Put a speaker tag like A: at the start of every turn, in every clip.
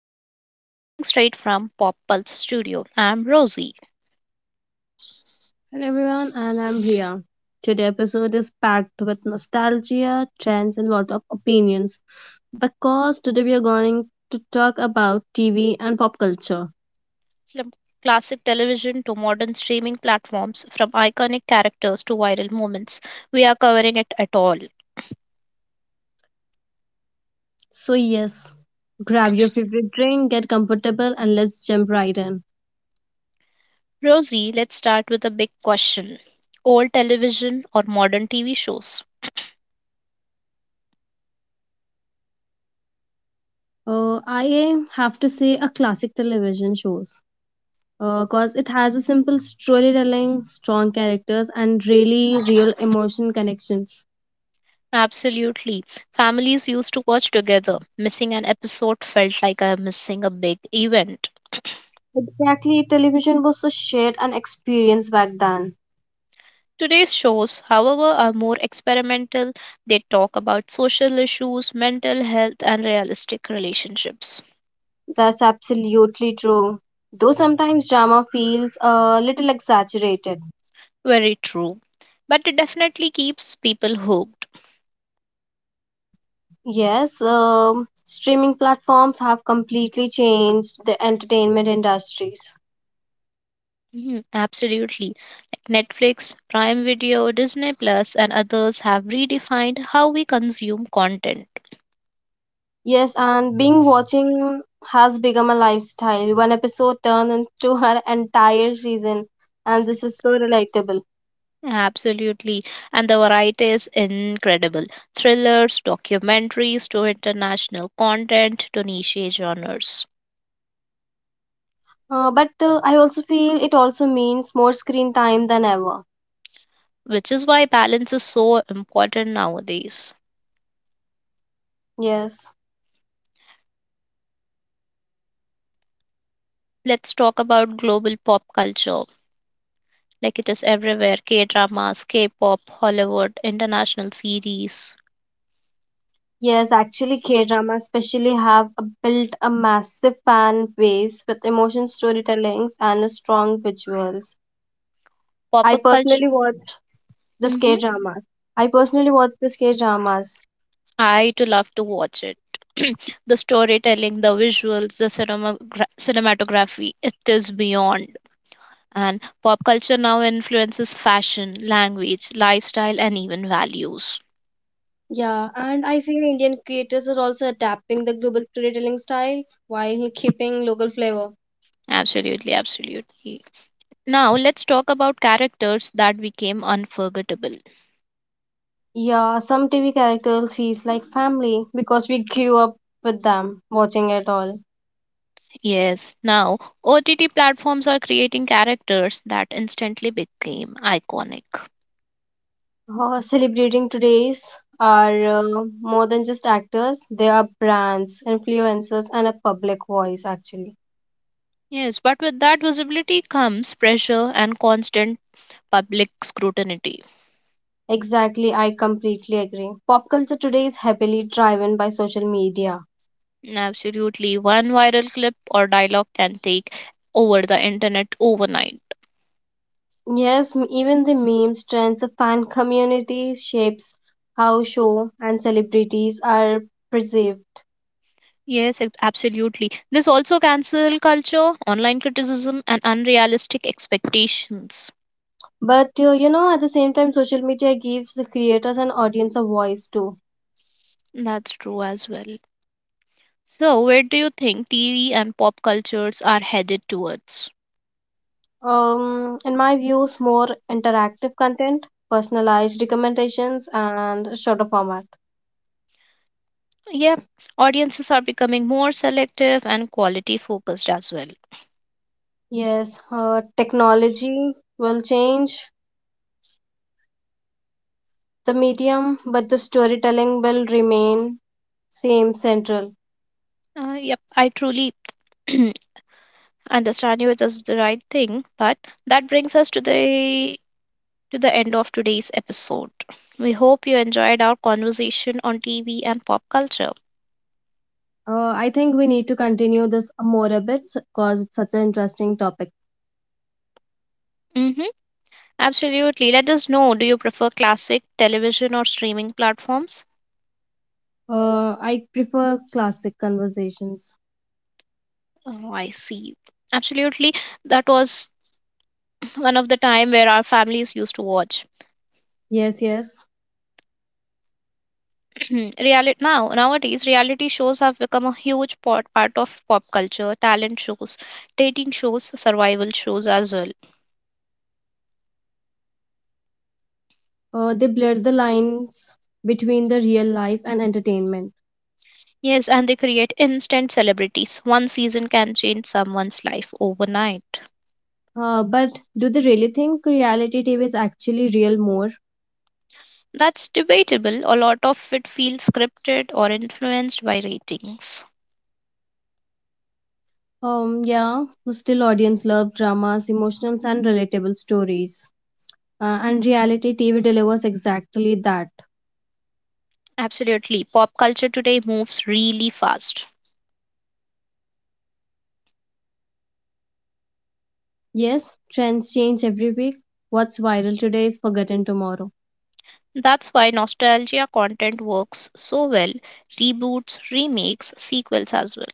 A: Scene, streaming straight from Pop Pulse Studio. I'm Rosie.
B: Hello everyone, and I'm Ria. Today episode is packed with nostalgia, trends, and lot of opinions. Because today we are going to talk about TV and pop culture.
A: From classic television to modern streaming platforms, from iconic characters to viral moments, we are covering it at all.
B: So yes, grab your favorite drink, get comfortable, and let's jump right in.
A: Rosie, let's start with a big question: old television or modern TV shows?
B: I have to say a classic television shows. Because it has a simple storytelling, strong characters, and really real emotion connections.
A: Absolutely. Families used to watch together. Missing an episode felt like I'm missing a big event.
B: Exactly, television was a shared an experience back then.
A: Today's shows, however, are more experimental. They talk about social issues, mental health, and realistic relationships.
B: That's absolutely true. Though sometimes drama feels a little exaggerated.
A: Very true. But it definitely keeps people hooked.
B: Yes, streaming platforms have completely changed the entertainment industries.
A: Mhm, absolutely. Netflix, Prime Video, Disney Plus, and others have redefined how we consume content.
B: Yes, and being watching has become a lifestyle. One episode turned into her entire season, and this is so relatable.
A: Absolutely. And the variety is incredible: thrillers, documentaries, to international content, to niche genres.
B: But I also feel it also means more screen time than ever.
A: Which is why balance is so important nowadays.
B: Yes.
A: Let's talk about global pop culture. Like it is everywhere: K dramas, K pop, Hollywood, international series.
B: Yes, actually, K drama especially built a massive fan base with emotion storytellings and a strong visuals.
A: Pop
B: I
A: up culture.
B: personally watch the
A: Hmm.
B: K dramas. I personally watch the K dramas.
A: I too love to watch it. The storytelling, the visuals, the cinematography, it is beyond. And pop culture now influences fashion, language, lifestyle, and even values.
B: Yeah, and I feel Indian creators are also adapting the global storytelling styles while keeping local flavor.
A: Absolutely, absolutely. Now let's talk about characters that became unforgettable.
B: Yeah, some TV characters feels like family because we grew up with them watching it all.
A: Yes, now OTT platforms are creating characters that instantly became iconic.
B: Celebrating today's are more than just actors, they are brands, influencers, and a public voice actually.
A: Yes, but with that visibility comes pressure and constant public scrutiny.
B: Exactly, I completely agree. Pop culture today is heavily driven by social media.
A: Absolutely, one viral clip or dialogue can take over the internet overnight.
B: Yes, even the memes, trends of fan communities shapes how show and celebrities are perceived.
A: Yes, absolutely. This also cancel culture, online criticism, and unrealistic expectations.
B: But you know, at the same time social media gives the creators and audience a voice too.
A: That's true as well. So, where do you think TV and pop cultures are headed towards?
B: In my views, more interactive content, personalized recommendations, and shorter format.
A: Yep, audiences are becoming more selective and quality focused as well.
B: Yes, technology will change the medium, but the storytelling will remain same central.
A: Yep, I truly understand you. It is the right thing, but that brings us to the end of today's episode. We hope you enjoyed our conversation on TV and pop culture.
B: I think we need to continue this more a bit because it's such an interesting topic.
A: Mm-hmm, absolutely. Let us know. Do you prefer classic television or streaming platforms?
B: I prefer classic conversations.
A: Oh, I see. Absolutely. That was one of the time where our families used to watch.
B: Yes, yes.
A: Reality, now nowadays reality shows have become a huge part of pop culture: talent shows, dating shows, survival shows as well.
B: They blur the lines between the real life and entertainment.
A: Yes, and they create instant celebrities. One season can change someone's life overnight.
B: But do they really think reality TV is actually real more?
A: That's debatable. A lot of it feels scripted or influenced by ratings.
B: Yeah, still audience love dramas, emotionals, and relatable stories. And reality TV delivers exactly that.
A: Absolutely, pop culture today moves really fast.
B: Yes, trends change every week. What's viral today is forgotten tomorrow.
A: That's why nostalgia content works so well. Reboots, remakes, sequels as well.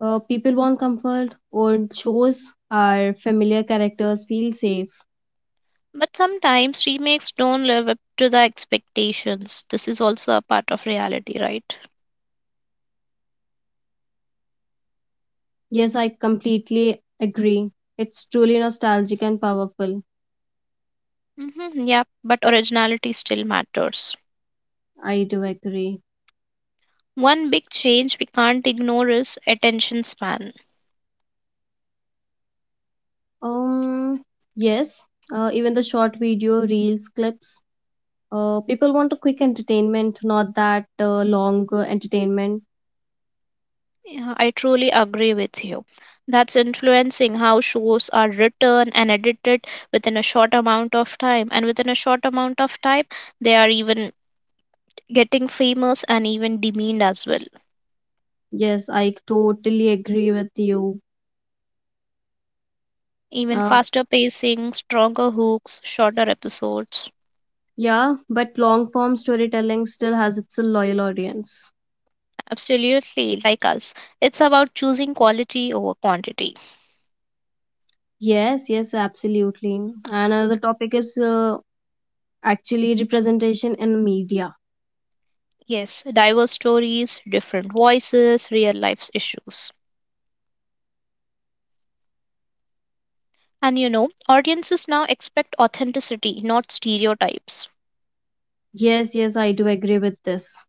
B: People want comfort, old shows are familiar characters, feel safe.
A: But sometimes remakes don't live up to the expectations. This is also a part of reality, right?
B: Yes, I completely agree. It's truly nostalgic and powerful.
A: Yeah, but originality still matters.
B: I do agree.
A: One big change we can't ignore is attention span.
B: Um, yes, even the short video, reels, clips. People want a quick entertainment, not that long entertainment.
A: Yeah, I truly agree with you. That's influencing how shows are written and edited within a short amount of time. And within a short amount of time, they are even getting famous and even demeaned as well.
B: Yes, I totally agree with you.
A: Even
B: Uh,
A: faster pacing, stronger hooks, shorter episodes.
B: yeah, but long form storytelling still has its loyal audience.
A: Absolutely, like us. It's about choosing quality over quantity.
B: Yes, yes, absolutely. And another topic is actually representation in media.
A: Yes, diverse stories, different voices, real life issues. And audiences now expect authenticity, not stereotypes.
B: Yes, yes, I do agree with this.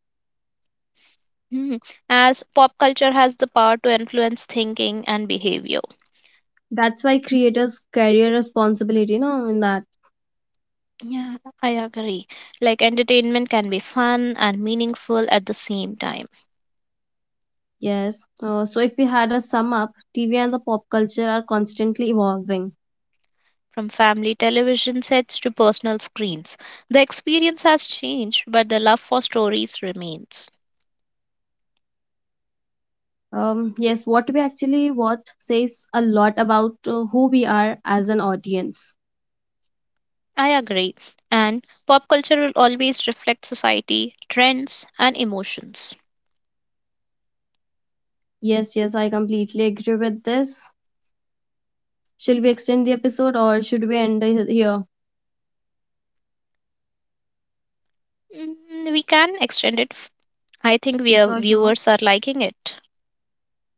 A: Hmm, as pop culture has the power to influence thinking and behavior.
B: That's why creators' carry a responsibility, no, in that.
A: Yeah, I agree. Like entertainment can be fun and meaningful at the same time.
B: Yes. So if we had a sum up, TV and the pop culture are constantly evolving.
A: From family television sets to personal screens, the experience has changed, but the love for stories remains.
B: Yes, what we actually watch says a lot about who we are as an audience.
A: I agree, and pop culture will always reflect society, trends, and emotions.
B: Yes, yes, I completely agree with this. Shall we extend the episode or should we end it here?
A: Mm, we can extend it. I think
B: Sure, sure.
A: viewers are liking it.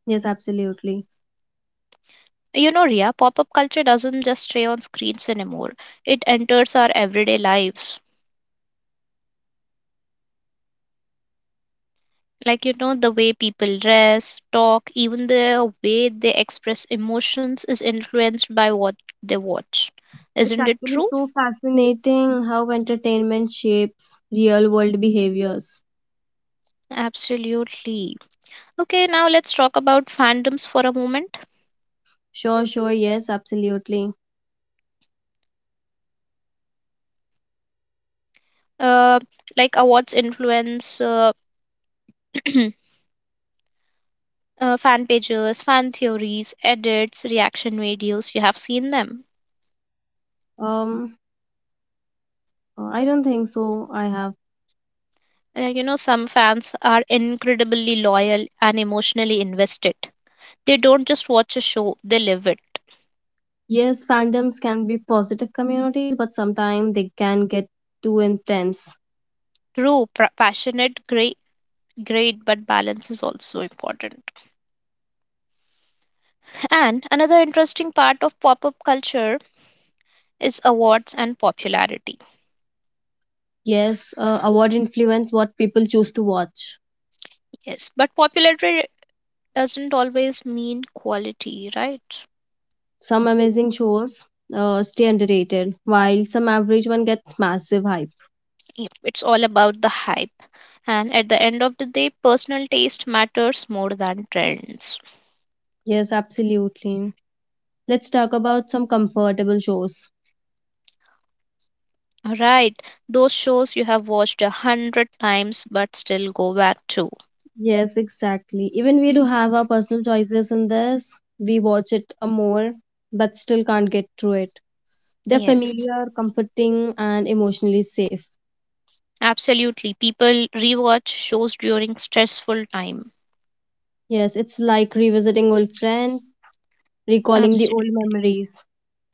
B: Yes, absolutely.
A: You know, Ria, pop up culture doesn't just stay on screens anymore, it enters our everyday lives. Like the way people dress, talk, even the way they express emotions is influenced by what they watch,
B: It's
A: isn't it
B: actually
A: true?
B: so fascinating how entertainment shapes real world behaviors.
A: Absolutely. Okay, now let's talk about fandoms for a moment.
B: Sure, sure, yes, absolutely.
A: uh, like awards influence, fan pages, fan theories, edits, reaction videos, you have seen them?
B: Um, I don't think so. I have.
A: Some fans are incredibly loyal and emotionally invested. They don't just watch a show, they live it.
B: Yes, fandoms can be positive communities, but sometimes they can get too intense.
A: True. Passionate, great, great, but balance is also important. And another interesting part of pop-up culture is awards and popularity.
B: Yes, award influence what people choose to watch.
A: Yes, but popularity doesn't always mean quality, right?
B: Some amazing shows stay underrated, while some average one gets massive hype.
A: Yep, it's all about the hype. And at the end of the day, personal taste matters more than trends.
B: Yes, absolutely. Let's talk about some comfortable shows.
A: All right, those shows you have watched 100 times but still go back to.
B: Yes, exactly. Even we do have our personal choices in this. We watch it a more, but still can't get through it. They're
A: Yes.
B: familiar, comforting, and emotionally safe.
A: Absolutely. People rewatch shows during stressful time.
B: Yes, it's like revisiting old friend, recalling the old
A: Absolutely.
B: memories.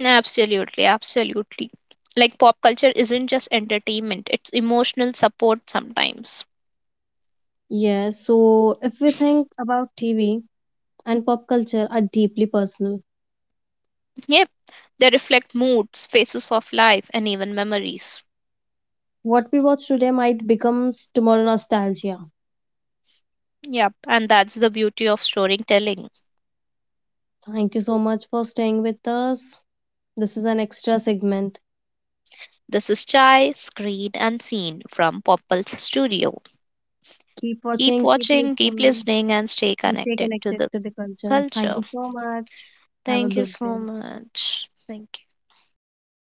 A: Absolutely. Absolutely. Like pop culture isn't just entertainment, it's emotional support sometimes.
B: Yes, so if we think about TV and pop culture are deeply personal.
A: Yep. They reflect moods, phases of life, and even memories.
B: What we watch today might become tomorrow nostalgia.
A: Yep. And that's the beauty of storytelling.
B: Thank you so much for staying with us. This is an extra segment.
A: This is Chai, screened and seen from Pop Pulse Studio.
B: Keep
A: Keep
B: watching, keep
A: watching, keep
B: listening,
A: listening, and stay
B: and stay
A: connected to
B: connected
A: the
B: to the culture. Thank
A: culture.
B: you so much. Have a
A: Thank you
B: good
A: so
B: day.
A: much. Thank you.